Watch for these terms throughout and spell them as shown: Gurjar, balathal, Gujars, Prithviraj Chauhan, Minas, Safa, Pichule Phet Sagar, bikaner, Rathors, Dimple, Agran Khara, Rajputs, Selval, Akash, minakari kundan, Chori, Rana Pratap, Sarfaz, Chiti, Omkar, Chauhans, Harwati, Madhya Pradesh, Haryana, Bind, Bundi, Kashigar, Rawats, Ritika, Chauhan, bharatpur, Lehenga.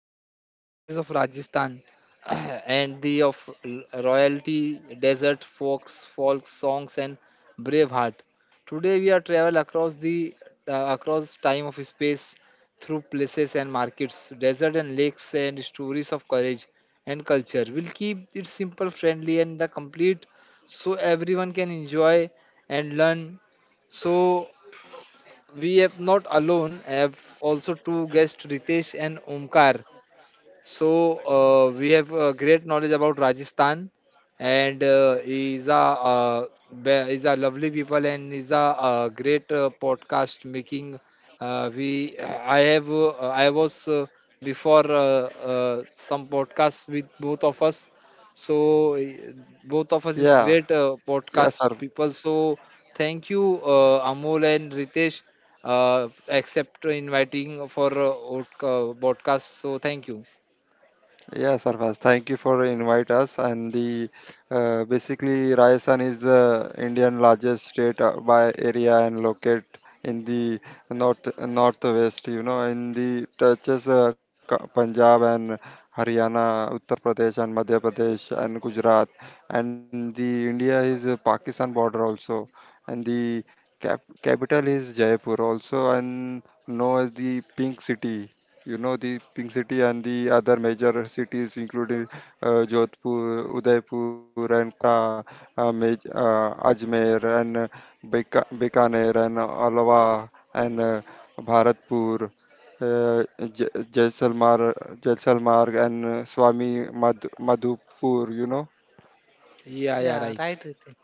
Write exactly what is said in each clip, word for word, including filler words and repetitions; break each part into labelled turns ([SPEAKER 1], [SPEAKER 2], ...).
[SPEAKER 1] our special series of Rajasthan and the of l- royalty, desert, folks, folk songs, and brave heart. Today we are travel across the uh, across time of space through places and markets, desert and lakes, and stories of courage and culture. We'll keep it simple, friendly, and the complete, so everyone can enjoy and learn. So we have not alone have also two guests Ritesh and Omkar so uh, we have uh, great knowledge about Rajasthan, and uh, is a uh, be- is a lovely people and is a uh, great uh, podcast making. Uh, we I have uh, I was uh, before uh, uh, some podcast with both of us. So uh, both of us is
[SPEAKER 2] Yeah,
[SPEAKER 1] great uh,
[SPEAKER 2] yeah,
[SPEAKER 1] podcast
[SPEAKER 2] sir.
[SPEAKER 1] people. So thank you uh, Amol and Ritesh uh, accept inviting for uh, podcast. So thank you.
[SPEAKER 2] Yeah, Sarfaz, thank you for invite us. And the uh, basically Rajasthan is the Indian largest state uh, by area and locate in the north northwest. You know, in the touches uh, Ka- Punjab and Haryana, Uttar Pradesh and Madhya Pradesh and Gujarat. And the India is uh, Pakistan border also. And the cap capital is Jaipur also. And known as the Pink City. You know, the pink city, and the other major cities including uh, jodhpur, udaipur, and kota, uh, Maj- uh, ajmer, and uh, Beka- bikaner, and alwa, and uh, bharatpur, uh, J- jaisalmer, jaisalmer, and uh, swami Madh- madhupur, you know
[SPEAKER 1] Yeah, yeah,
[SPEAKER 3] Yeah,
[SPEAKER 1] right.
[SPEAKER 3] right, Ritin.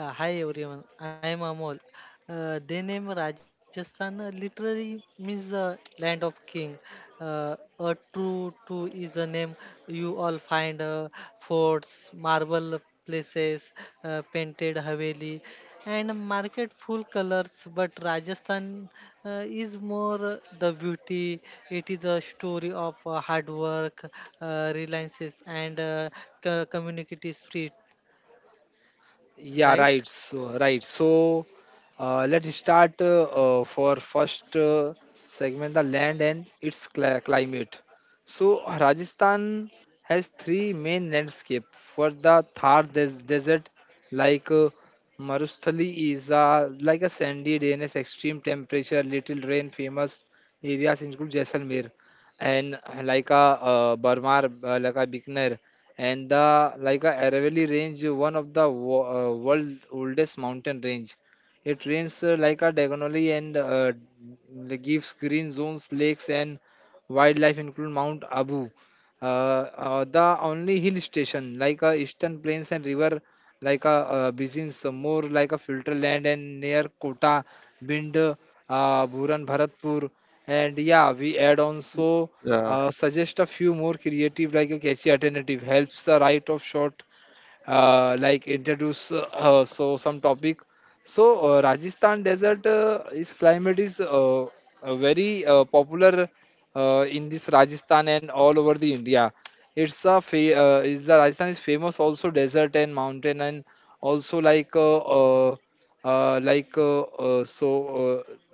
[SPEAKER 3] Yeah, hi everyone. I am Amol. Uh, the name Rajasthan uh, literally means uh, land of king. Uh, a true to is a name you all find uh, forts, marble places, uh, painted haveli, and market full colors. But Rajasthan uh, is more uh, the beauty. It is a story of uh, hard work, uh, reliances, and uh, co- community spirit,
[SPEAKER 1] Yeah,
[SPEAKER 3] right?
[SPEAKER 1] right. So, right. So, uh, let's start uh, uh, for first uh, segment, the land and its cli- climate. So, Rajasthan has three main landscape for the Thar des- desert, like uh, Marustali is a, like a sandy drainage, extreme temperature, little rain. Famous areas include Jaisalmer and uh, like a uh, Barmar, uh, like a Bikaner. And the like a Aravalli range, one of the wo- uh, world oldest mountain range. It ranges uh, like a diagonally and uh, d- gives green zones, lakes, and wildlife, including Mount Abu. Uh, uh, the only hill station like uh, eastern plains and river like a uh, Bizins, uh, more like a filter land and near Kota, Bind, uh, Bhuran, Bharatpur, and yeah, we add on so.
[SPEAKER 2] yeah
[SPEAKER 1] Uh, suggest a few more creative, like a catchy alternative, helps the right of shot uh, like introduce uh, uh, so some topic. So uh, Rajasthan desert uh, is climate is uh, uh, very uh, popular uh, in this Rajasthan and all over the India. It's a fa- uh, is the Rajasthan is famous also desert and mountain and also like uh, uh, uh, like uh, uh, so uh,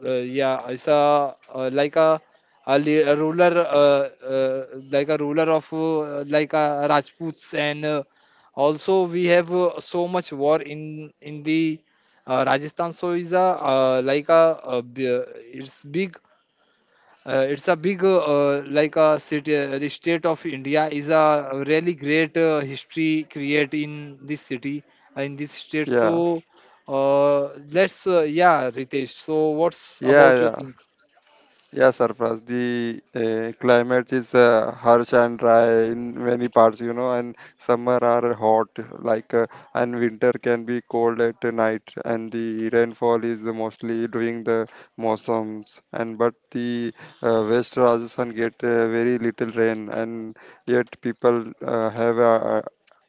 [SPEAKER 1] uh, yeah it's a uh, like a a, li- a ruler uh, uh, like a ruler of uh, like a Rajputs and uh, also, we have uh, so much war in in the uh, Rajasthan. So is a uh, like a, a b- it's big. Uh, it's a big uh, uh, like a city. uh, The state of India is a really great uh, history create in this city uh, in this state.
[SPEAKER 2] yeah
[SPEAKER 1] So uh, let's uh, yeah, Ritesh. So what's
[SPEAKER 2] yeah
[SPEAKER 1] about your
[SPEAKER 2] yeah
[SPEAKER 1] think?
[SPEAKER 2] Yeah, Sarfraz, the uh, climate is uh, harsh and dry in many parts, you know, and summer are hot, like, uh, and winter can be cold at night, and the rainfall is mostly during the monsoons. And but the uh, West Rajasthan get uh, very little rain, and yet people uh, have uh,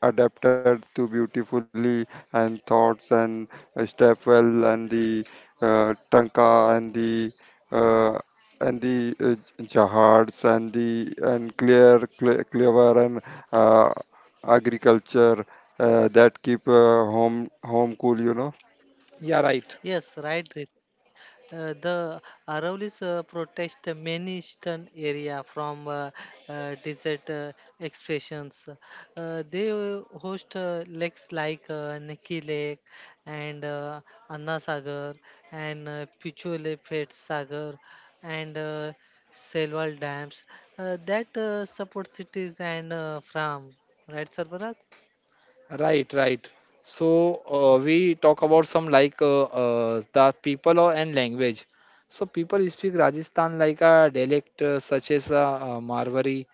[SPEAKER 2] adapted to beautifully and thoughts and uh, step well, and the uh, tanka, and the uh, and the uh, jahards, and the and clear cle- clever, and uh, agriculture uh, that keep uh, home home cool, you know.
[SPEAKER 1] Yeah, right.
[SPEAKER 3] Yes, right, Rit. Uh, the Aravallis uh, protest many eastern area from uh, uh, desert uh, expressions. Uh, they uh, host uh, lakes like uh, Neki Lake and uh, Anna Sagar and uh, Pichule Phet Sagar and uh, Selval dams uh, that uh, support cities and uh, farm. Right, Sarfaraz?
[SPEAKER 1] Right, right. So uh, we talk about some like uh, uh, the people or- and language. So people speak Rajasthan like a dialect uh, such as a, uh Marwari,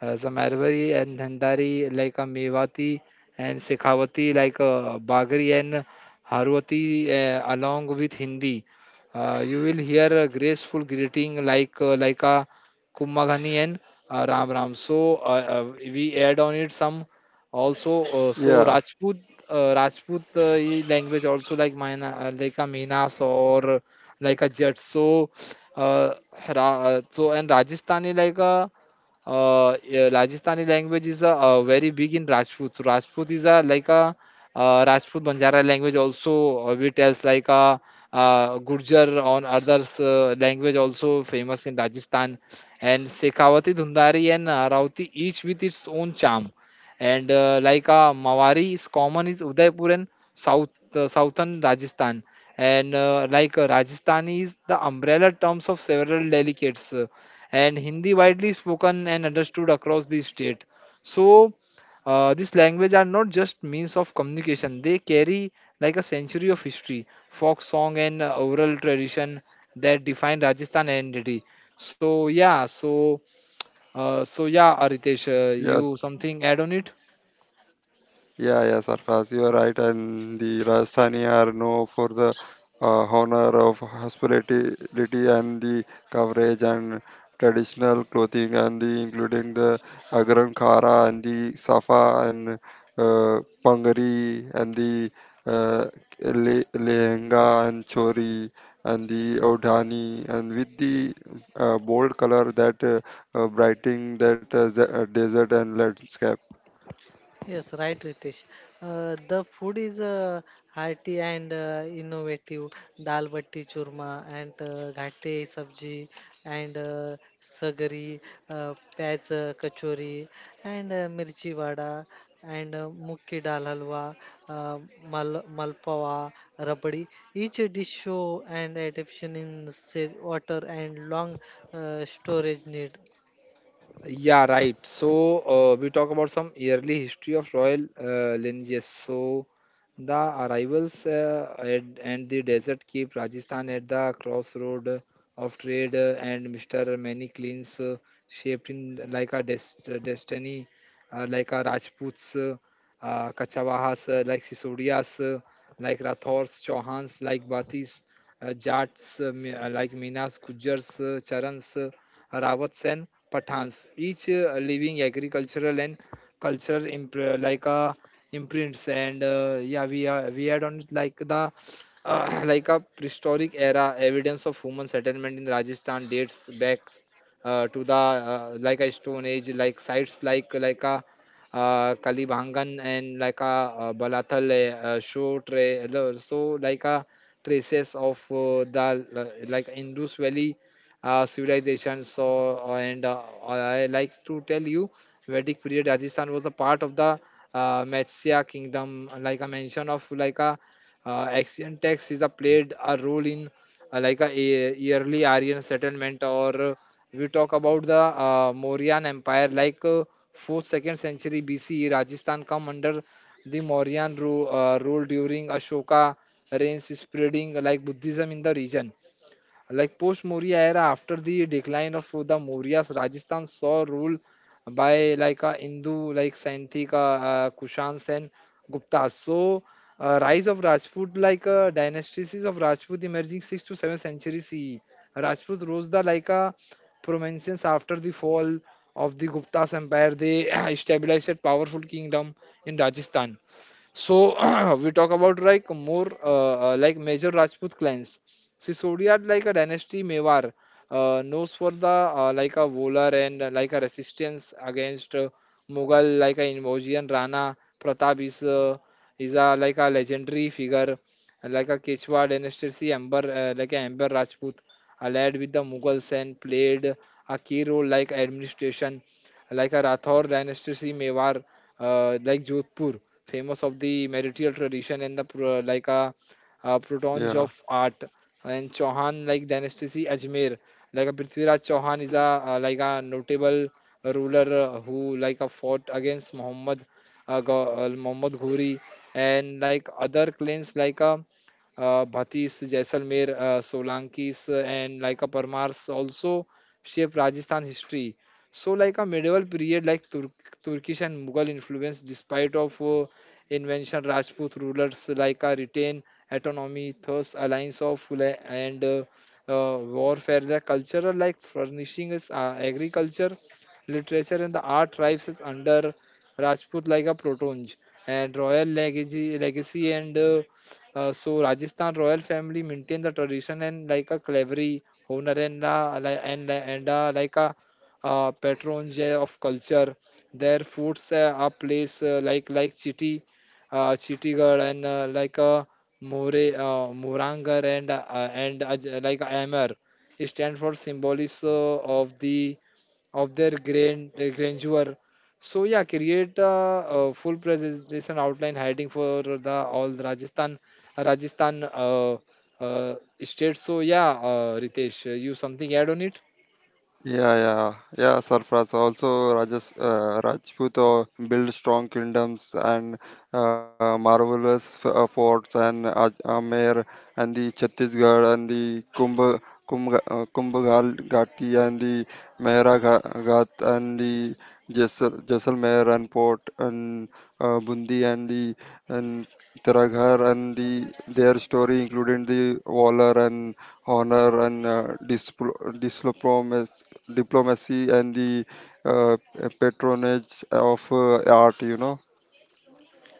[SPEAKER 1] as a Marwari and Dhandari like a Mewati and Shekhawati like a Bagri and Harwati uh, along with Hindi. Uh, you will hear a graceful greeting like uh, like a Kumbhagani and uh, Ram Ram. So uh, uh, we add on it some. Also uh, so
[SPEAKER 2] Yeah,
[SPEAKER 1] rajput uh, rajput uh, e- language also like mine uh, like a minas or uh, like a jet so uh, Ra- uh, so and rajasthani like a uh, yeah, Rajasthani language is uh, uh, very big in Rajput. So Rajput is uh, like a uh, Rajput Banjara language also uh, we tells like a uh, Gurjar on others uh, language also famous in Rajasthan and Shekhawati, Dhundari and uh, Rauti each with its own charm. And uh, like uh, Mawari is common is Udaipur and South uh, southern Rajasthan. And uh, like uh, Rajasthani is the umbrella terms of several delicates. Uh, and Hindi widely spoken and understood across the state. So uh, this language are not just means of communication. They carry like a century of history, folk song and uh, oral tradition that define Rajasthan identity. So yeah, so uh, so yeah, Aritesh, uh,
[SPEAKER 2] yeah,
[SPEAKER 1] you something add on it?
[SPEAKER 2] Yeah, yeah, Sarfaz, you are right. And the Rajasthani are known for the uh, honor of hospitality, and the coverage, and traditional clothing, and the including the Agran Khara and the Safa, and uh, Pangari, and the uh, le- Lehenga and Chori, and the Odhani, and with the uh, bold color that uh, uh, brightening that uh, the- uh, desert and landscape.
[SPEAKER 3] Yes, right, Ritesh. Uh, the food is uh, hearty and uh, innovative. Dal batti churma and uh, ghatte sabji and uh, sagari, uh, pyaz uh, kachori and uh, mirchi vada and uh, mukki dal halwa, uh, mal malpawa, rabdi. Each dish show and adaptation in say, water and long uh, storage need.
[SPEAKER 1] Yeah, right. So uh, we talk about some yearly history of royal uh, lineages. So the arrivals uh, at, and the desert keep Rajasthan at the crossroad of trade, uh, and Mister Many cleans uh, shaped in like a des- destiny, uh, like a Rajputs, uh, uh, Kachavahas, uh, like Sisodias, uh, like Rathors, Chauhans, like Batis, uh, Jats, uh, Mi- uh, like Minas, Gujars, uh, Charans, uh, Rawats, and Pathans, each uh, living agricultural and cultural imp- like a imprints and uh, yeah we are we had on it like the uh, like a prehistoric era evidence of human settlement in rajasthan dates back uh, to the uh, like a stone age like sites like like a uh, kalibhangan and like a uh, balathal uh, show tra- lo- so like a traces of uh, the uh, like indus valley uh, civilization so uh, and uh, I like to tell you vedic period rajasthan was a part of the uh, Matsya kingdom, uh, like a mention of like a uh, ancient texts is a played a role in uh, like a e- yearly Aryan settlement, or uh, we talk about the uh, Mauryan Empire, like uh, fourth second century B C E, Rajasthan come under the Mauryan rule, uh, rule during Ashoka reigns, spreading like Buddhism in the region. Like post Maurya era, after the decline of the Mauryas, Rajasthan saw rule by like a Hindu like Saintik, uh, uh, Kushans and Guptas. So uh, rise of Rajput like uh, dynasties of Rajput emerging sixth to seventh century C E. Rajput rose the like a prominence after the fall of the Gupta's empire. They established a powerful kingdom in Rajasthan. So we talk about like more uh, uh, like major Rajput clans. Sisodia had like a dynasty Mewar uh, knows for the uh, like a Volar and uh, like a resistance against uh, Mughal like a Invojian Rana Pratap is uh, is a like a legendary figure like a Quechua dynasty Amber uh, like a Amber Rajput allied with the Mughals and played a key role like administration like a Rathor dynasty Mewar uh, like Jodhpur, famous of the martial tradition and the pro- like a, uh protons of art, and Chauhan like dynasty Ajmer, like a Prithviraj Chauhan is a uh, like a notable ruler uh, who like a fought against Muhammad uh, Gau- uh, Muhammad Ghori and like other clans like a uh, Bhatis, Jaisalmer, uh, Solankis, uh, and like a Parmars also shape Rajasthan history. So like a medieval period like Tur- Turkish and Mughal influence despite of uh, invention Rajput rulers like a retain autonomy thus alliance of la- and uh, uh, warfare the cultural like furnishing is uh, agriculture literature and the art tribes is under Rajput like a protonge and royal legacy legacy and uh, uh, so Rajasthan royal family maintain the tradition and like a clevery honor and uh, li- and and uh, like a uh, patrons yeah, of culture. Their foods uh, are place uh, like like Chiti, uh, Chittigar and uh, like uh, More uh, Morangar and uh, and Aj- like Amar. It stands for symbolism uh, of the of their grand uh, grandeur. So yeah, create a, a full presentation outline heading for the all the Rajasthan Rajasthan uh, uh, state. So yeah, uh, Ritesh, uh, you something add on it?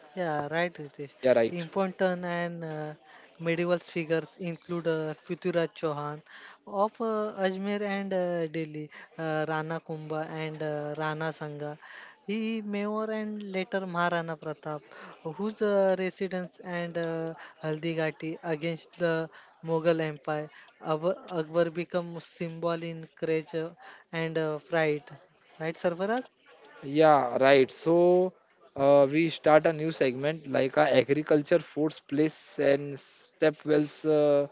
[SPEAKER 3] Yeah, right, Ritesh.
[SPEAKER 1] Yeah, right.
[SPEAKER 3] Important and uh, medieval figures include uh, Prithviraj Chauhan of uh, Ajmer and uh, Delhi, uh, Rana Kumbha and uh, Rana Sangha. He Mayor and later Maharana Pratap, whose uh, residence and uh, Haldigati against the Mughal Empire. Ab- Akbar become symbol in courage uh, and uh, pride. Right, Sarvaraj?
[SPEAKER 1] Yeah, right. So uh, we start a new segment like uh, agriculture, foods, place, and stepwells uh,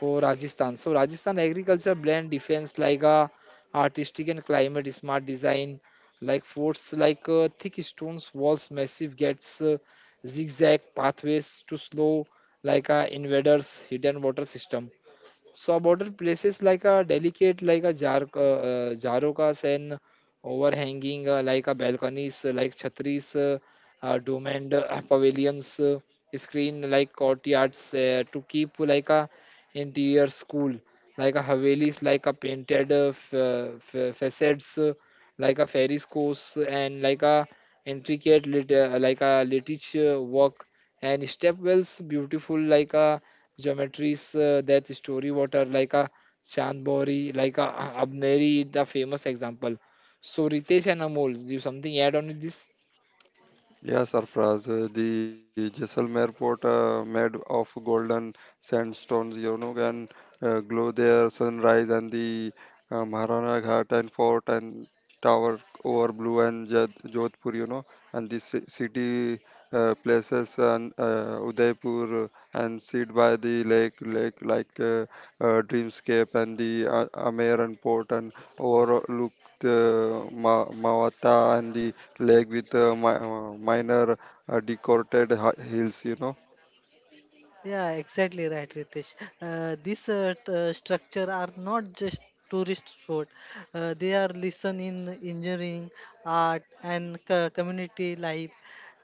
[SPEAKER 1] for Rajasthan. So Rajasthan agriculture blend defense like uh, artistic and climate smart design, like forts like uh, thick stones, walls, massive gates, uh, zigzag pathways to slow like uh, invaders, hidden water system. Suborder places like a delicate, like a jar, uh, jarocas and overhanging, uh, like a balconies, uh, like chhatris, uh, uh, domed uh, pavilions, uh, screen like courtyards uh, to keep like a interior school, like a havelis, like a painted uh, f- uh, f- facades, uh, like a fairies course and like a intricate lit- uh, like a litige uh, work and stepwells beautiful like a Geometry's uh, that story water like a Chand Bauri, like a Abneri, the famous example. So Ritesh and Amol, do you something add on with this?
[SPEAKER 3] Yeah, exactly right, Ritesh. Uh, these uh, t- uh, structure are not just tourist sport. Uh, they are lesson in engineering, art, and co- community life.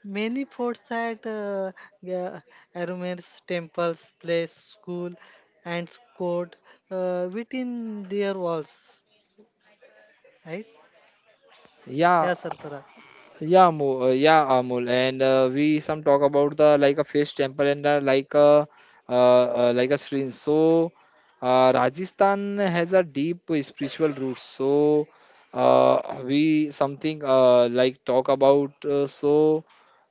[SPEAKER 3] Many forts at uh, yeah, Arumer's temples, place, school, and court uh, within their walls. Right?
[SPEAKER 1] Yeah,
[SPEAKER 3] Yeah, Sarfaraz.
[SPEAKER 1] Yeah, Mo, uh, yeah, Amul, and uh, we some talk about the like a fish temple and uh, like a uh, uh, like a stream. So uh, Rajasthan has a deep spiritual roots. So uh, we something uh, like talk about. Uh, so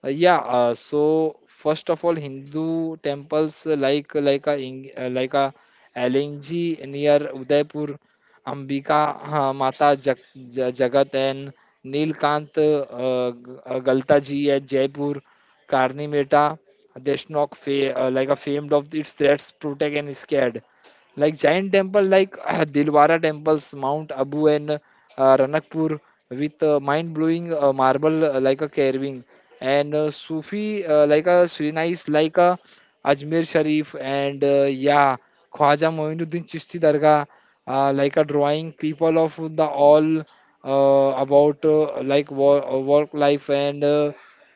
[SPEAKER 1] uh, Yeah, uh, so first of all, Hindu temples uh, like like a Ing- uh, like a L N G near Udaipur Ambika हाँ माता जग, ज, जगत N Nilkanth अ, ग- अ, गलता जी at Jaipur, Karni Mehta, Deshnok, fa- uh, like are famed of its threats, protect and scared. Like giant temple like Dilwara temples, Mount Abu, and uh, Ranakpur with uh, mind-blowing uh, marble uh, like a carving and uh, Sufi uh, like a Srinais like a Ajmer Sharif and uh, yeah Khwaja Moinuddin Chishti Dargah, uh, like a drawing people of the all, uh, about uh, like work, work life and uh,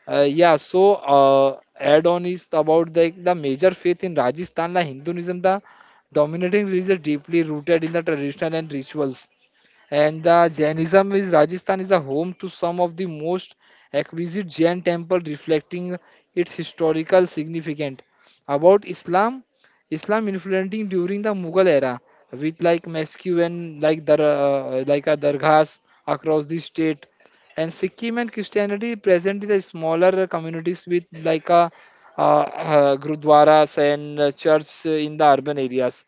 [SPEAKER 1] uh, yeah. So uh, add on is about the the major faith in Rajasthan, like Hinduism, the dominating religion, deeply rooted in the traditional and rituals. And the Jainism is Rajasthan is a home to some of the most exquisite Jain temple reflecting its historical significance. About Islam, Islam influencing during the Mughal era with like mosque and like dar uh, like a dargahs across the state. And Sikkim and Christianity present in the smaller communities with like a uh, uh, gurdwaras and uh, church in the urban areas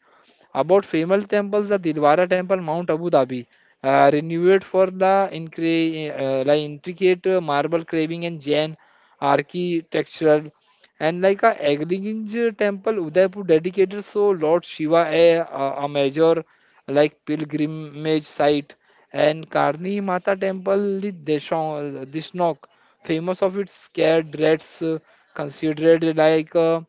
[SPEAKER 1] about famous temples, the Dilwara Temple, Mount Abu Dhabi, uh, renowned for the, incre- uh, like intricate uh, marble carving and Jain architectural, and like a Aglinge Temple, Udaipur, dedicated so Lord Shiva, a, a a major like pilgrimage site, and Karni Mata Temple, the Deshon- Dishnok, famous of its scared dreads, uh, considered like uh,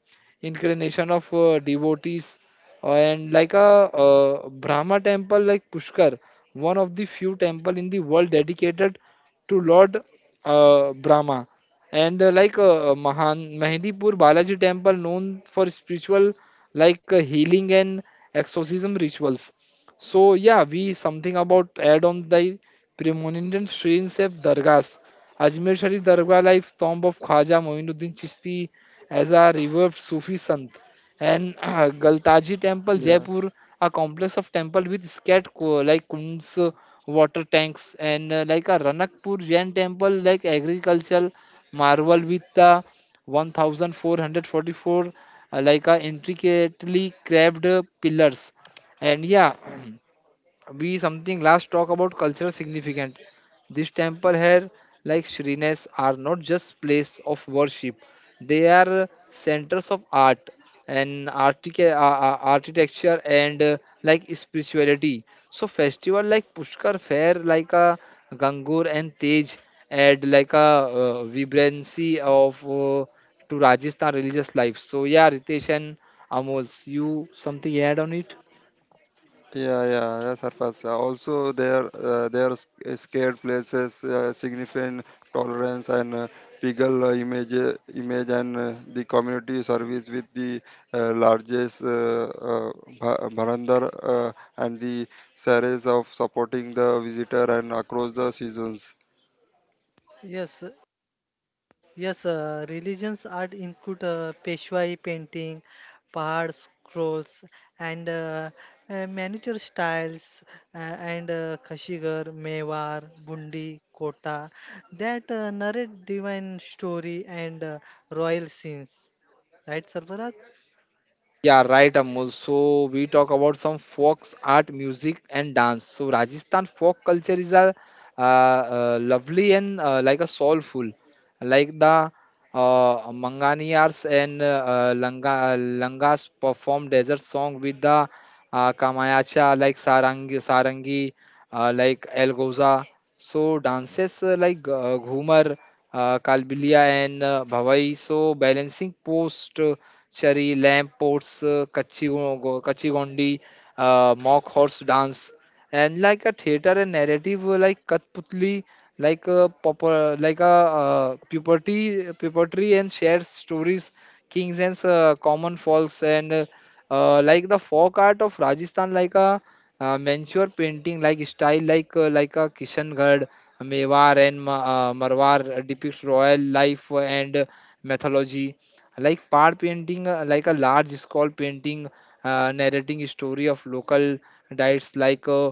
[SPEAKER 1] incarnation of uh, devotees and like a uh, Brahma temple like Pushkar, one of the few temple in the world dedicated to Lord uh, Brahma, and uh, like uh, Mahan Mehndipur Balaji temple known for spiritual like uh, healing and exorcism rituals. So yeah, we something about add on the premonient strains of dargahs. Ajmer Sharif Dargah, like tomb of Khwaja Moinuddin Chishti, as a revered Sufi sant. And uh, Galtaji Temple, Jaipur, a complex of temple with scat co- like kunds, uh, water tanks, and uh, like a Ranakpur Jain temple, like agricultural marvel with uh, one thousand four hundred forty-four uh, like uh, intricately carved uh, pillars. And yeah, we something last talk about cultural significant this temple here, like shrines are not just place of worship, they are centers of art and artic- uh, uh, architecture and uh, like spirituality. So festival like Pushkar fair, like a Gangur and Tej, add like a uh, vibrancy of uh, to Rajasthan religious life. So yeah, Ritesh and Amol, you something add on it?
[SPEAKER 3] Yes, Yes, uh, religions art include uh, Peshwai painting, Pahad scrolls, and uh, uh, miniature styles, uh, and uh, Kashigar, Mewar, Bundi, Kota, that uh, narrate divine story and uh, royal scenes. Right, Sarbarat?
[SPEAKER 1] Yeah, right, Amol. So we talk about some folk art, music, and dance. So Rajasthan folk culture is a uh, uh, lovely and uh, like a soulful, like the uh, Manganiyars and uh, uh, Langa, Langas perform desert song with the uh, Kamayacha, like Sarangi, Sarangi, uh, like Elgoza. So dances uh, like uh, Ghumar, uh, Kalbilia and uh, Bhavai. So balancing post, uh, chari, lamp posts, uh, kachi go- go- kachi gondi, uh, mock horse dance, and like a theater and narrative uh, like Kathputli, like a popper, like a uh, puberty, puberty and shared stories, kings and uh, common folks and uh, uh, like the folk art of Rajasthan, like a uh, Manchur painting like style like uh, like a Kishangarh, Mewar and Ma- uh, Marwar depicts royal life and uh, mythology. Like Pad painting, uh, like a large scroll painting uh, narrating story of local diets like uh,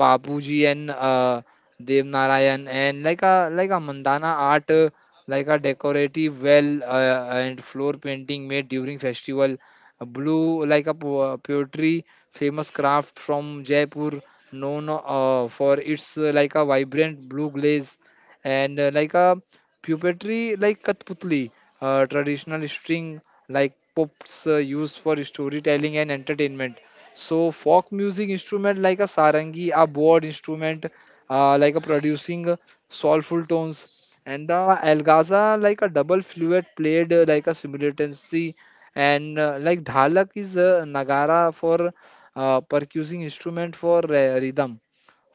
[SPEAKER 1] Papuji and uh, Dev Narayan and like a like a mandana art, uh, like a decorative well uh, and floor painting made during festival. A blue, like a po- poetry, famous craft from Jaipur, known uh, for its uh, like a vibrant blue glaze and uh, like a puppetry like Kathputli, uh, traditional string like pops uh, used for storytelling and entertainment. So folk music instrument like a sarangi, a board instrument, uh, like a producing uh, soulful tones, and the algaza like a double fluid played uh, like a simultaneously and uh, like dhalak is a nagara for uh, percussive instrument for uh, rhythm.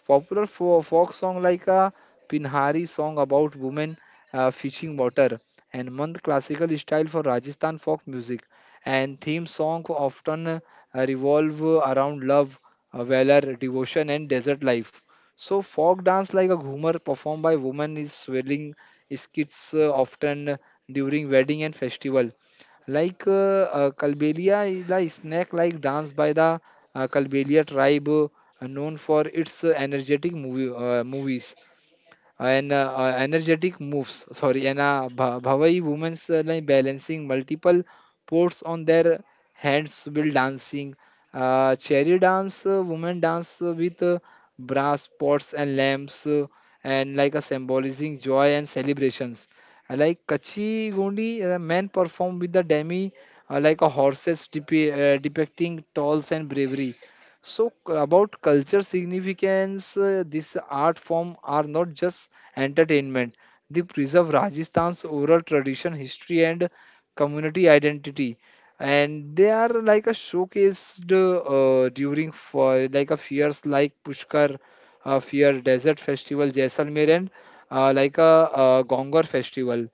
[SPEAKER 1] Popular fo- folk song like a Pinhari song about women uh, fishing water and Mand classical style for Rajasthan folk music. And theme song often uh, revolve around love, uh, valor, devotion, and desert life. So folk dance like a ghumar performed by women is swirling skits uh, often during wedding and festival, like uh, uh, Kalbelia is a snack like dance by the uh, Kalbelia tribe, uh, known for its uh, energetic movie, uh, movies and uh, uh, energetic moves. Sorry, and uh, Bha- Bhavai women uh, like balancing multiple ports on their hands while dancing. Uh, cherry dance, uh, women dance uh, with uh, brass pots and lamps, uh, and like a symbolizing joy and celebrations. Uh, like Kachi Gondi, uh, men perform with the demi, uh, like a horses depi- uh, depicting tolls and bravery. So c- about culture significance, uh, this art form are not just entertainment. They preserve Rajasthan's oral tradition, history, and community identity. And they are like a showcased uh, during for like a fairs like Pushkar uh, Fair, Desert Festival, Jaisalmer, and uh, like a uh, Gongor Festival.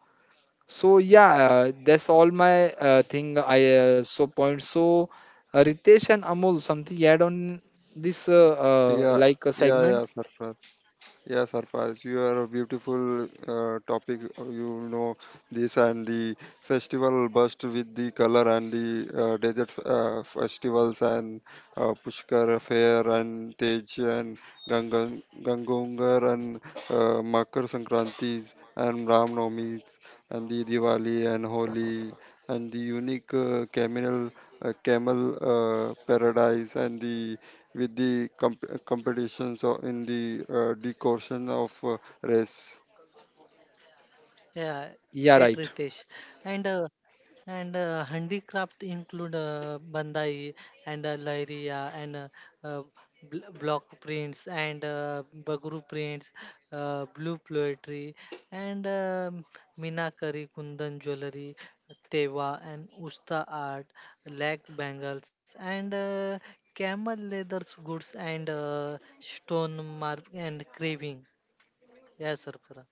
[SPEAKER 1] So yeah, uh, that's all my uh, thing. I uh, so point. So uh, Ritesh and Amol, something you add on this uh, uh, like a segment?
[SPEAKER 3] Yeah, right, Ritesh.
[SPEAKER 1] Yeah, right.
[SPEAKER 3] And uh, And uh, handicraft include uh, bandai and uh, lairia and uh, uh, bl- block prints and uh, bagru prints, uh, blue poetry and um minakari kundan jewelry, tewa and usta art, leg bangles and uh, camel leathers goods and uh, stone mark and craving. Yes, sir. Farah.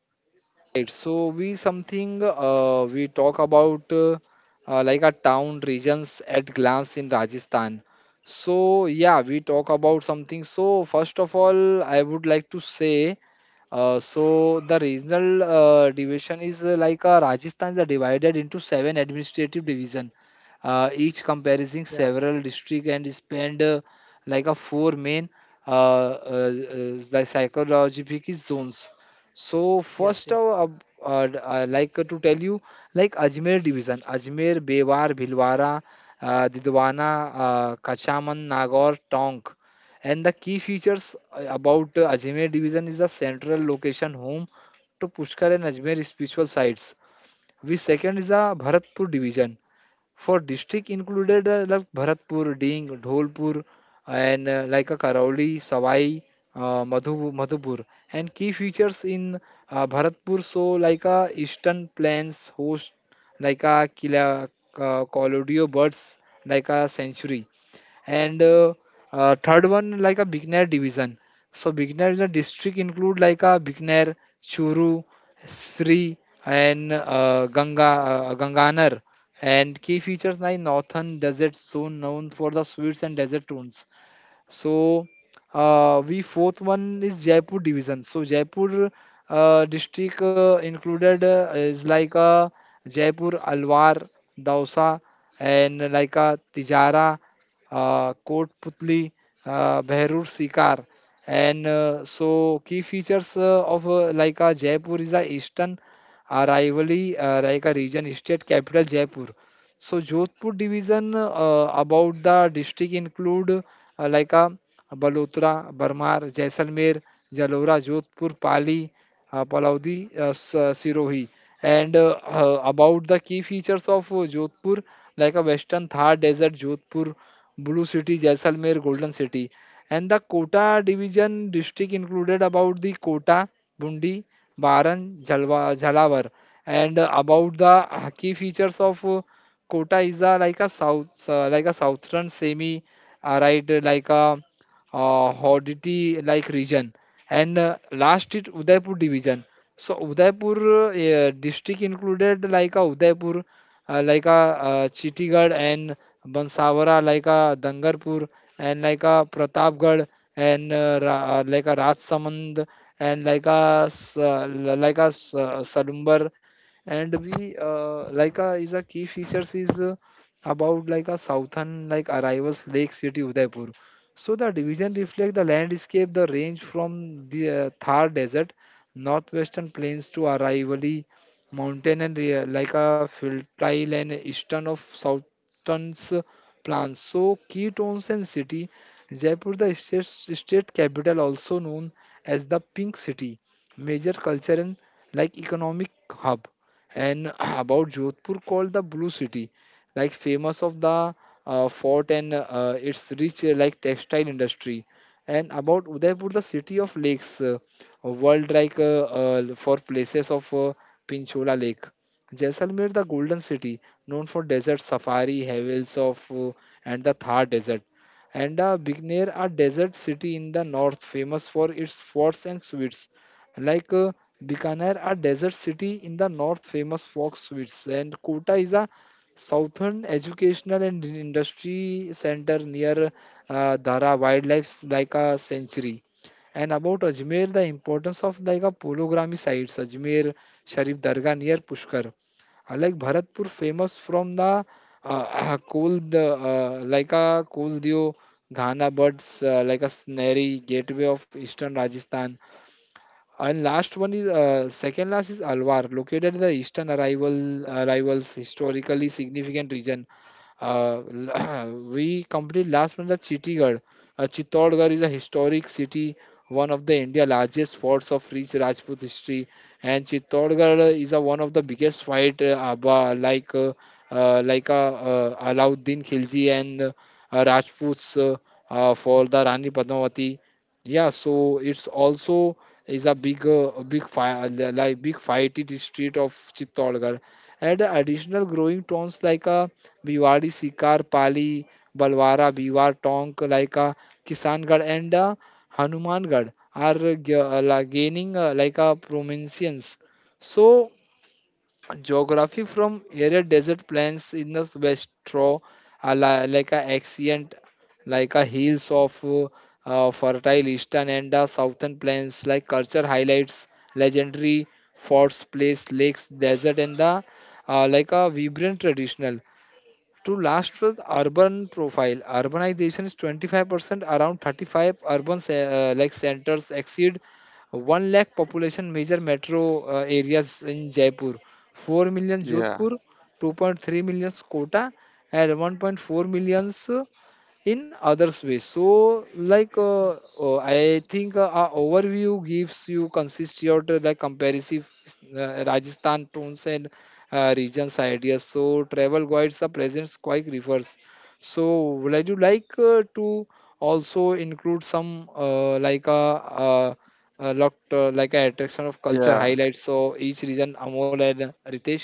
[SPEAKER 1] Right, so we something uh, we talk about uh, uh, like a town regions at glance in Rajasthan. So yeah, we talk about something. So first of all, I would like to say uh, so the regional uh, division is uh, like uh, Rajasthan is divided into seven administrative division, uh, each comprising
[SPEAKER 3] Yeah.
[SPEAKER 1] several district and is spanned uh, like a four main uh, uh, uh, like psychological zones. So first,
[SPEAKER 3] Yes. Yes.
[SPEAKER 1] uh, ab- uh, d- uh, like uh, to tell you, like Ajmer division, Ajmer, Bewar, Bhilwara, uh, Didwana, uh, Kachaman, Nagaur, Tonk. And the key features uh, about uh, Ajmer division is the central location home to Pushkar and Ajmer spiritual sites. Which second is the Bharatpur division. For district included uh, like Bharatpur, Ding, Dholpur, and uh, like a Karauli, Savai, uh, Madhu, Madhupur. And key features in uh, Bharatpur, so like a eastern plains host like a Kila, uh, Colodio birds like a century, and uh, uh, third one like a Bikaner division. So Bikaner the district include like a Bikaner, Churu, Sri, and uh, Ganga uh, Ganganar. And key features like northern desert zone known for the sweets and desert tunes. So uh, we fourth one is Jaipur division. So Jaipur uh, district uh, included uh, is like uh, Jaipur, Alwar, Dausa, and like uh, Tijara, uh, Kot Putli, uh, Behrur Sikar. And uh, so key features uh, of uh, like uh, Jaipur is the eastern uh, rivalry uh, like a region state capital Jaipur. So Jodhpur division uh, about the district include uh, like uh, Balotra, Barmar, Jaisalmer, Jalora, Jodhpur, Pali, uh, Palaudi, uh, S- uh, Sirohi. And uh, uh, about the key features of uh, Jodhpur, like a Western Thar Desert, Jodhpur, Blue City, Jaisalmer, Golden City. And the Kota division district included about the Kota, Bundi, Baran, Jalwa, Jhalawar. And uh, about the uh, key features of uh, Kota is a, like a south uh, like a southern semi uh, right uh, like a uh, Hauditi like region, and uh, last it Udaipur division. So Udaipur uh, uh, district included like a Udaipur uh, like a uh, Chittigarh and Bansawara, like a Dangarpur and like a Pratapgarh and uh, Ra- uh, like a Rajsamand and like a s- uh, like a s- uh, Salumbar and we uh, like uh, is a key features is uh, about like a southern like arrivals Lake City Udaipur. So the division reflect the landscape, the range from the uh, Thar Desert, northwestern plains to Aravalli Mountain and uh, like a fertile and eastern of southern's plants. So key towns and city, Jaipur the state, state capital also known as the Pink City, major culture and like economic hub and about Jodhpur called the Blue City, like famous of the uh, fort and uh, its rich uh, like textile industry, and about Udaipur, the city of lakes, uh, world like uh, uh, for places of uh, Pinchola Lake. Jaisalmer, the golden city, known for desert safari, havels of uh, and the Thar desert. And uh, Bikaner, a desert city in the north, famous for its forts and sweets. Like uh, Bikaner, a desert city in the north, famous for sweets, and Kota is a southern educational and industry center near uh, Dhara Wildlife like a sanctuary. And about Ajmer, the importance of like a polygamy sites, Ajmer Sharif Dargah near Pushkar. Unlike Bharatpur, famous from the uh, coal, the uh, like a coal dio Ghana birds, uh, like a snary gateway of eastern Rajasthan. And last one is uh, second last is Alwar, located in the eastern arrival arrivals historically significant region. Uh, we complete last one the Chittigarh. Uh, Chittorgarh is a historic city, one of the India largest forts of rich Rajput history, and Chittorgarh is a, one of the biggest fight uh, Abba, like uh, uh, like uh, uh, Alauddin Khilji and uh, Rajputs uh, uh, for the Rani Padmavati. Yeah, so it's also is a big uh, big fight like big fight in the street of Chittorgarh and additional growing towns like a Bhiwadi, Sikar, Pali, Balwara, Biwar, Tonk, like a Kisangarh and uh, Hanumangarh are uh, g- uh, la- gaining uh, like a prominence. So geography from arid desert plains in the west through a li- like a accent like a hills of uh, uh, fertile eastern and the southern plains like culture highlights legendary forts place lakes desert and the uh, like a vibrant traditional to last was urban profile urbanization is twenty-five percent around thirty-five urban ce- uh, like centers exceed 1 lakh population major metro uh, areas in Jaipur 4 million, Jodhpur 2.3 million, Kota, and 1.4 million uh, in others ways. So, like, uh, uh, I think uh, our overview gives you consistency of the, like comparison uh, Rajasthan tones and uh, regions ideas. So, travel guides are present quite refers. So, would you like uh, to also include some uh, like a uh, uh, lot uh, like a attraction of culture highlights? So, each region, Amol and Ritesh.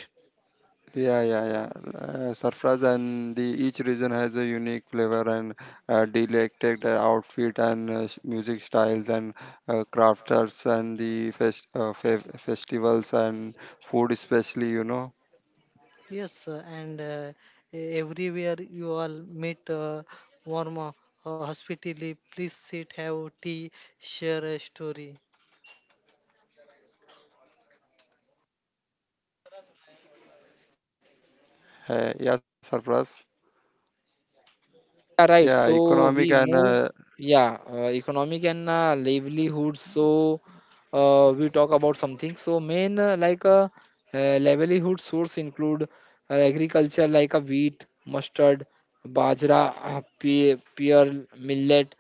[SPEAKER 3] Yes, uh, and uh, e- everywhere you all meet uh, warm uh, hospitality. Please sit, have tea, share a story.
[SPEAKER 1] Yeah, right. So we move, yeah, uh, economic and uh, livelihood. So uh, we talk about something. So main uh, like uh, uh, livelihood source include uh, agriculture like a wheat, mustard, bajra, pe pear, millet,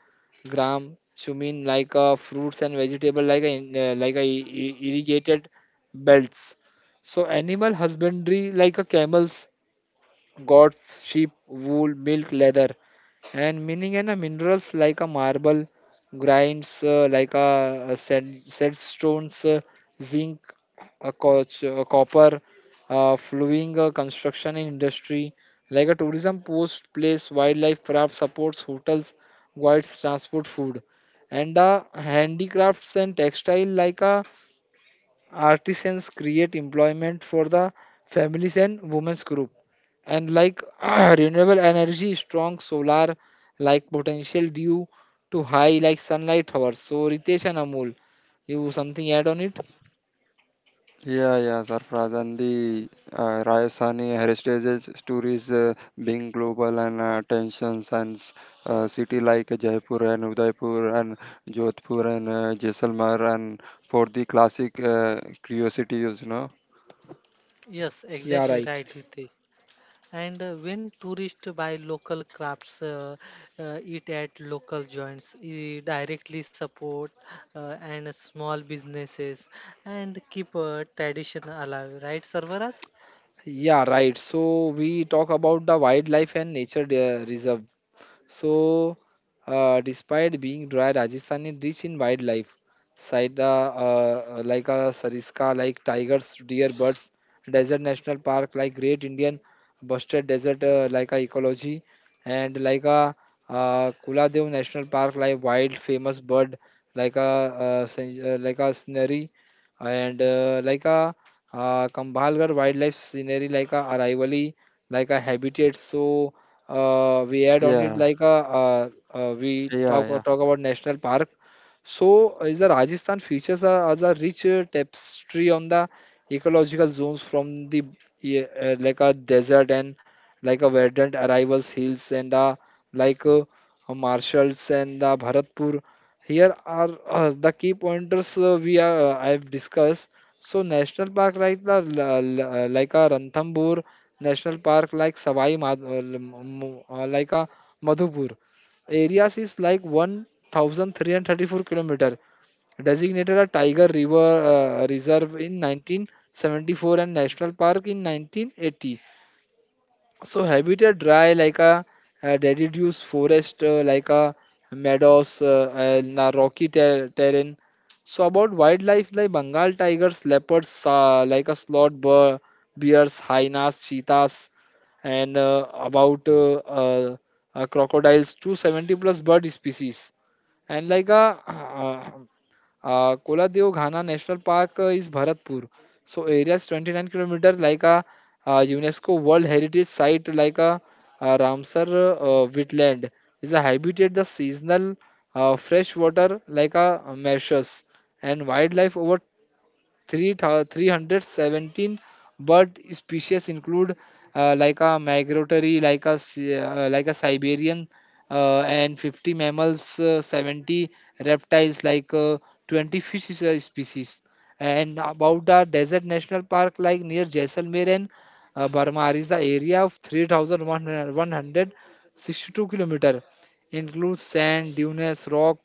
[SPEAKER 1] gram, chumin like uh, fruits and vegetable like a, in- uh, like a i- i- irrigated belts. So animal husbandry like a camels, goats, sheep, wool, milk, leather, and meaning and uh, minerals like a marble grinds, uh, like a sand, sandstones, uh, zinc, a coach, uh, copper, uh, flowing uh, construction and industry like a tourism post place wildlife craft supports hotels guides transport food, and the handicrafts and textile like a artisans create employment for the families and women's group, and like renewable energy strong solar like potential due to high like sunlight hours. So Ritesh and Amul, you something add on it?
[SPEAKER 3] Yes,
[SPEAKER 1] Yeah,
[SPEAKER 3] exactly
[SPEAKER 1] right.
[SPEAKER 3] right, Ritesh. And uh, when tourists buy local crafts, uh, uh, eat at local joints, e- directly support uh, and small businesses, and keep uh, tradition alive. Right, Sarvaraj?
[SPEAKER 1] Yeah, right, so we talk about the wildlife and nature de- reserve. So, uh, despite being dry, Rajasthan is rich in wildlife, side, uh, uh, like a Sariska, like tigers, deer, birds, desert national park, like Great Indian Busted Desert, uh, like a ecology, and like a uh, Kuladev National Park, like wild famous bird, like a uh, sen- uh, like a scenery, and uh, like a uh, Kambhalgarh wildlife scenery, like a Araivali, like a habitat. So uh, we add on it like a, uh, uh, we talk talk about national park. So is the Rajasthan features a, as a rich uh, tapestry on the ecological zones from the yeah, uh, like a desert and like a verdant arrivals hills and uh, like uh, marshals and the Bharatpur. Here are uh, the key pointers uh, we are, uh, I've discussed. So national park like the l- l- uh, like a Ranthambore national park like Savai Mad- uh, m- uh, like a Madhupur. Areas is like one thousand three hundred thirty-four kilometer designated a tiger river uh, reserve in nineteen seventy-four and national park in nineteen eighty. So habitat dry like a, uh deciduous forest, uh, like a meadows, uh, and a rocky ter- terrain. So about wildlife like Bengal tigers, leopards, uh, like a sloth bear, bears, hyenas, cheetahs, and uh, about uh, uh, uh, crocodiles, two hundred seventy plus bird species. And like a Uh, Kola-Deo-Ghana National Park uh, is Bharatpur. So area is twenty-nine kilometer, like a uh, UNESCO World Heritage Site, like a uh, Ramsar uh, wetland. Is a habitat the seasonal uh, fresh water, like a marshes, and wildlife over three 317 bird species include uh, like a migratory like a si- uh, like a Siberian, uh, and fifty mammals, uh, seventy reptiles like uh, twenty fish is- uh, species, and about the desert national park like near Jaisalmer and uh, Barmar is the area of three thousand one hundred sixty-two kilometer, includes sand dunes rock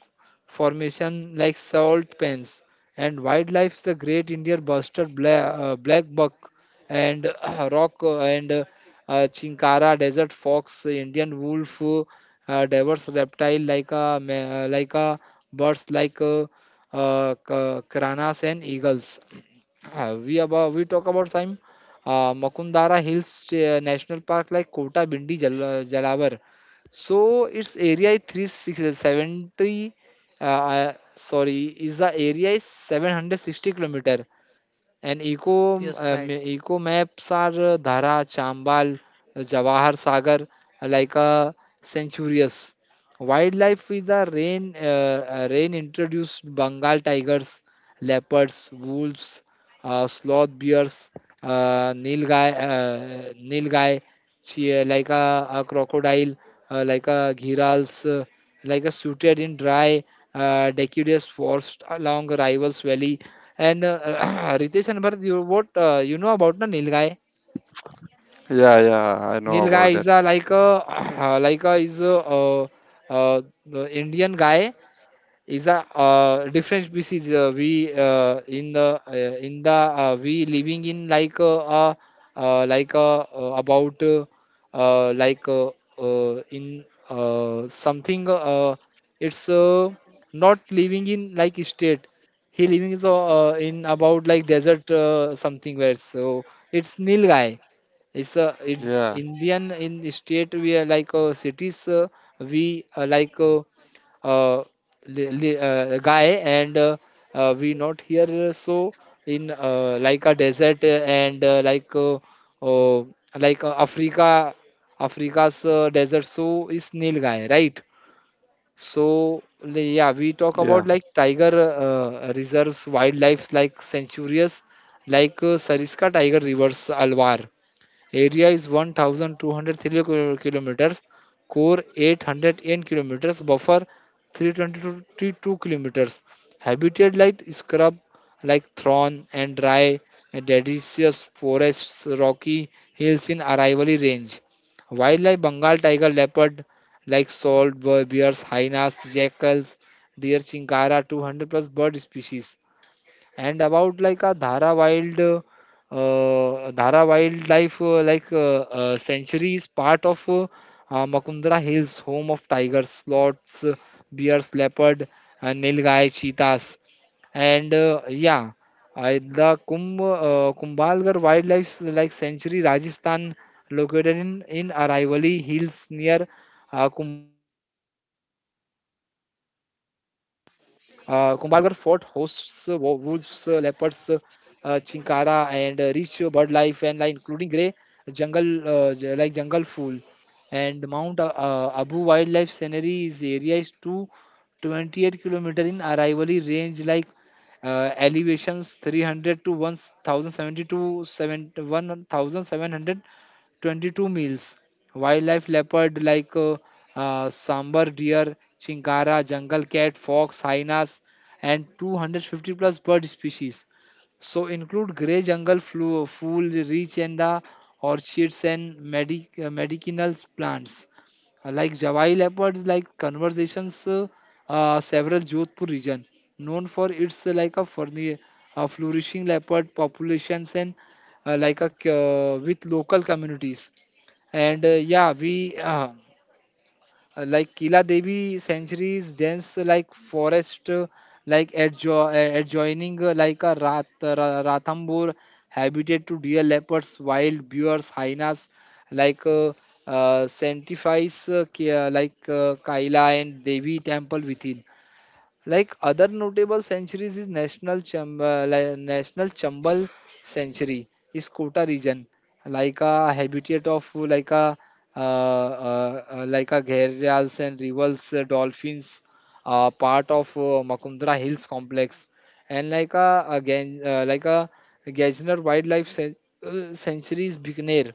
[SPEAKER 1] formation like salt pans and wildlife the great Indian bustard black, uh, black buck, and uh, rock uh, and uh, uh, chinkara desert fox Indian wolf, uh, diverse reptile like a ma- uh, like a birds like uh, uh, ca- cranas and eagles. Uh, we about we talk about some uh, Makundara Hills uh, National Park like Kota Bindi Jal uh, Jalavar. So its area is three hundred seventy, uh, uh, uh, sorry, is the area is seven hundred sixty kilometer, and eco
[SPEAKER 3] Yes,
[SPEAKER 1] um,
[SPEAKER 3] right.
[SPEAKER 1] eco maps are uh, Dhara, Chambal, Jawahar Sagar, like a centurious wildlife with the rain, uh, uh, rain introduced Bengal tigers, leopards, wolves, uh, sloth bears, uh, nilgai, uh, nilgai, chi- like a, a crocodile, uh, like a girals, uh, like a suited in dry uh, deciduous forest along Rivals Valley. And uh, Ritesh and Bharat, you what uh, you know about the Nilgai? Nilgai is a like a like a is a, uh, uh, the Indian guy is a uh, difference species, uh, we uh, in the uh, in the uh, we living in like uh, uh, uh, like uh, uh, about uh, uh, like uh, uh, in uh, something, uh, it's uh, not living in like state, he living is uh, uh, in about like desert uh, something where. So it's Nilgai, it's a, it's Indian in state we are like uh, cities, uh, we uh, like uh, uh, li- li- uh, guy, and uh, uh, we not here, uh, so in uh, like a desert uh, and uh, like uh, uh, like uh, Africa, Africa's uh, desert. So is nil guy, right? So li- yeah, we talk about like tiger uh, reserves wildlife like sanctuaries like uh, Sariska tiger rivers Alwar. Area is one thousand two hundred three kilo- kilometers. Core eight hundred eight kilometers. Buffer three hundred twenty-two kilometers. Habitat like scrub, like thorn and dry, and deciduous forests, rocky hills in Aravalli range. Wildlife Bengal tiger, leopard, like salt bears, hyenas, jackals, deer, chinkara, two hundred plus bird species, and about like a Dhara Wild, uh, uh, Dhara Wildlife uh, like uh, uh, sanctuary is part of uh, uh, Makundra Hills, home of tigers, sloths, uh, bears, leopard, uh, Nilgai, cheetahs. And uh, yeah, I, the Kumbh, uh, Kumbhalgarh Wildlife like Sanctuary, Rajasthan, located in in Araivali Hills near uh, Kumbhalgarh. Uh, Kumbhalgarh Fort hosts uh, wo- wolves, uh, leopards, uh, uh, Chinkara, and uh, rich uh, bird life, and like including grey jungle, uh, j- like jungle fowl, and Mount uh, uh, Abu Wildlife Scenery is area is two twenty eight kilometer in Araivali range, like uh, elevations three hundred to one thousand seventy to seven- one thousand seven hundred twenty-two meals. Wildlife leopard like uh, uh, sambar deer, chingara, jungle cat, fox, hyenas, and two hundred fifty plus bird species. So include grey jungle flu, fool, reach, and the orchids and medic, uh, medicinal plants. Uh, like Jawai leopards, like conversations, uh, uh, several Jodhpur region known for its uh, like a furni, uh, flourishing leopard populations and uh, like a c- uh, with local communities, and uh, yeah, we uh, uh, like Kila Devi sanctuaries dense like forest uh, like adjo- uh, adjoining uh, like a Rat- uh, Ra- Ranthambore, habitat to deer leopards wild bears hyenas like uh, uh, sanctifies uh, Ki- uh, like uh, Kaila and Devi temple within. Like other notable centuries is National Cham- uh, li- National Chambal Century is Kota region, like a habitat of uh, like a uh, uh, uh, like a gharials and rivals uh, dolphins, uh, part of uh, Makundra Hills complex, and like a again uh, like a Gajner Wildlife Cen- uh, Sanctuary is Bikaner,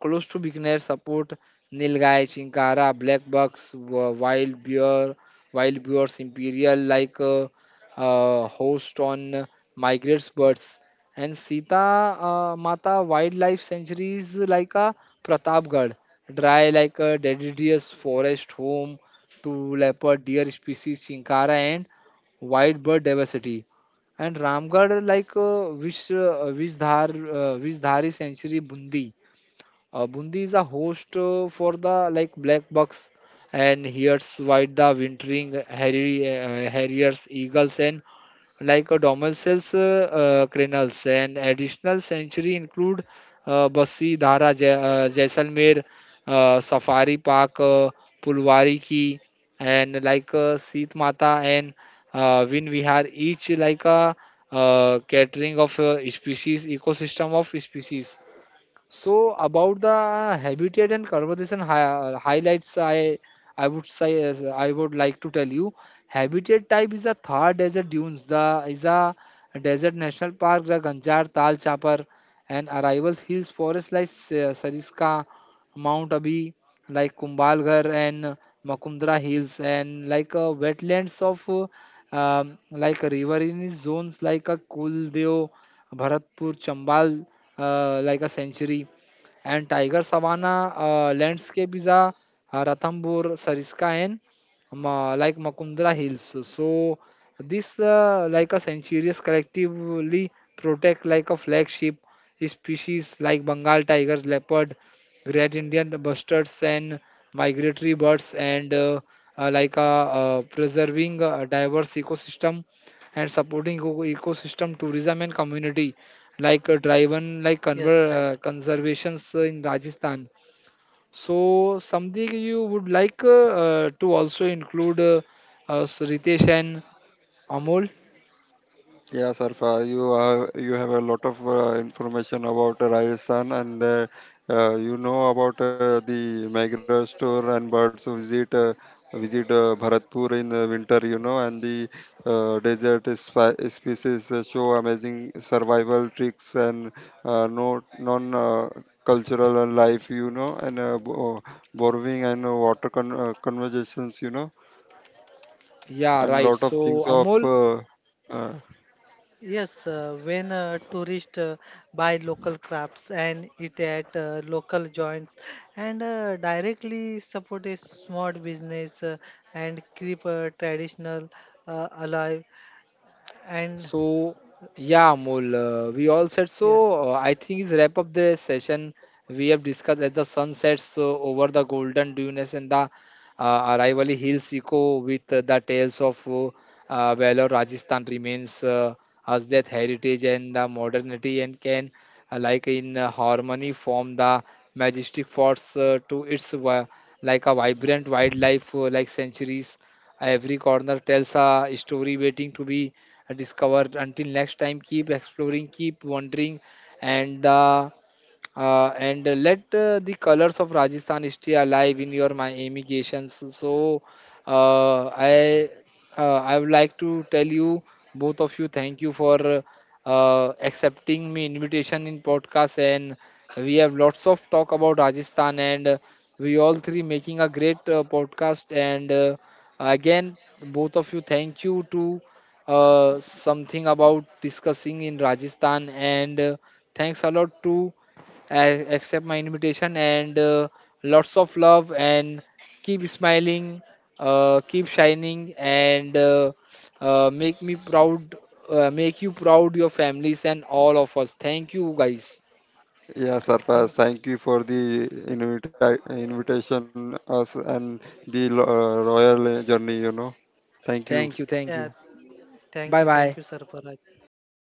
[SPEAKER 1] close to beginner support Nilgai, Chinkara, Black Bucks, Wa- Wild Beer, Wild Bears, Imperial, like uh, uh, host on migrate birds, and Sita uh, Mata wildlife sanctuaries like uh, Pratapgarh, dry like a deciduous forest home to leopard, deer species, Chinkara, and wild bird diversity, and Ramgarh like uh, Vish uh, Vishdhar uh, Vishdhari sanctuary Bundi. Uh, Bundi is a host uh, for the like black bucks, and here's white the wintering harri- uh, harriers, eagles, and like a domicils uh, uh, crenels, and additional sanctuary include uh, Basi, Dhara, Jai- uh, Jaisalmer, uh, Safari Park, uh, Pulwari Ki, and like uh, Seet Mata, and uh, Vin Vihar, each like a uh, catering of uh, species ecosystem of species. So about the habitat and conservation hi- highlights, I I would say, as I would like to tell you, habitat type is a Thar desert dunes. The is a desert national park, the Ganjar, Tal Chapar, and arrival hills forest like Sa- Sariska, Mount Abu, like Kumbalgarh and Makumdra hills, and like uh, wetlands of uh, um, like riverine zones like uh, Kuldev, Bharatpur, Chambal, uh, like a century. And Tiger savanna uh, landscape is a uh, Ranthambore, Sariska, and Ma- like Makundra Hills. So this uh, like a centuries collectively protect like a flagship species like Bengal tigers, leopard, great Indian bustards, and migratory birds, and uh, uh, like uh, uh, preserving a diverse ecosystem and supporting eco- ecosystem tourism and community like uh, driven
[SPEAKER 3] Yes,
[SPEAKER 1] like
[SPEAKER 3] right.
[SPEAKER 1] conver- uh, conservations uh, in Rajasthan. So something you would like uh, uh, to also include, uh, uh, Ritesh and Amol? Yeah, right. So Amol.
[SPEAKER 3] Yes, uh, when uh, tourists uh, buy local crafts and eat at uh, local joints and uh, directly support a small business uh, and keep uh, traditional uh, alive. And
[SPEAKER 1] So, yeah, Amol, uh, we all said so.
[SPEAKER 3] yes,
[SPEAKER 1] Uh, I think is wrap up the session we have discussed, as the sun sets uh, over the golden dunes and the uh, Araivali Hills echo with uh, the tales of uh, uh, valor, Rajasthan remains uh, as that heritage and the modernity and can, uh, like in uh, harmony, form the majestic forts uh, to its wi- like a vibrant wildlife uh, like centuries. Every corner tells a story waiting to be discover. Until next time, keep exploring, keep wondering, and the uh, and uh, let uh, the colors of Rajasthan stay alive in your my immigrations. So uh, I uh, I would like to tell you both of you, thank you for uh, uh, accepting me invitation in podcast, and we have lots of talk about Rajasthan, and uh, we all three making a great uh, podcast, and uh, again both of you thank you to uh, something about discussing in Rajasthan, and uh, thanks a lot to a- accept my invitation, and uh, lots of love, and keep smiling, uh, keep shining, and uh, uh, make me proud, uh, make you proud, your families and all of us, thank you guys.
[SPEAKER 3] thank,
[SPEAKER 1] Thank you, thank you.
[SPEAKER 3] yeah,
[SPEAKER 1] Bye
[SPEAKER 3] thank you,
[SPEAKER 1] bye.
[SPEAKER 3] thank you, Sarparaj. Bye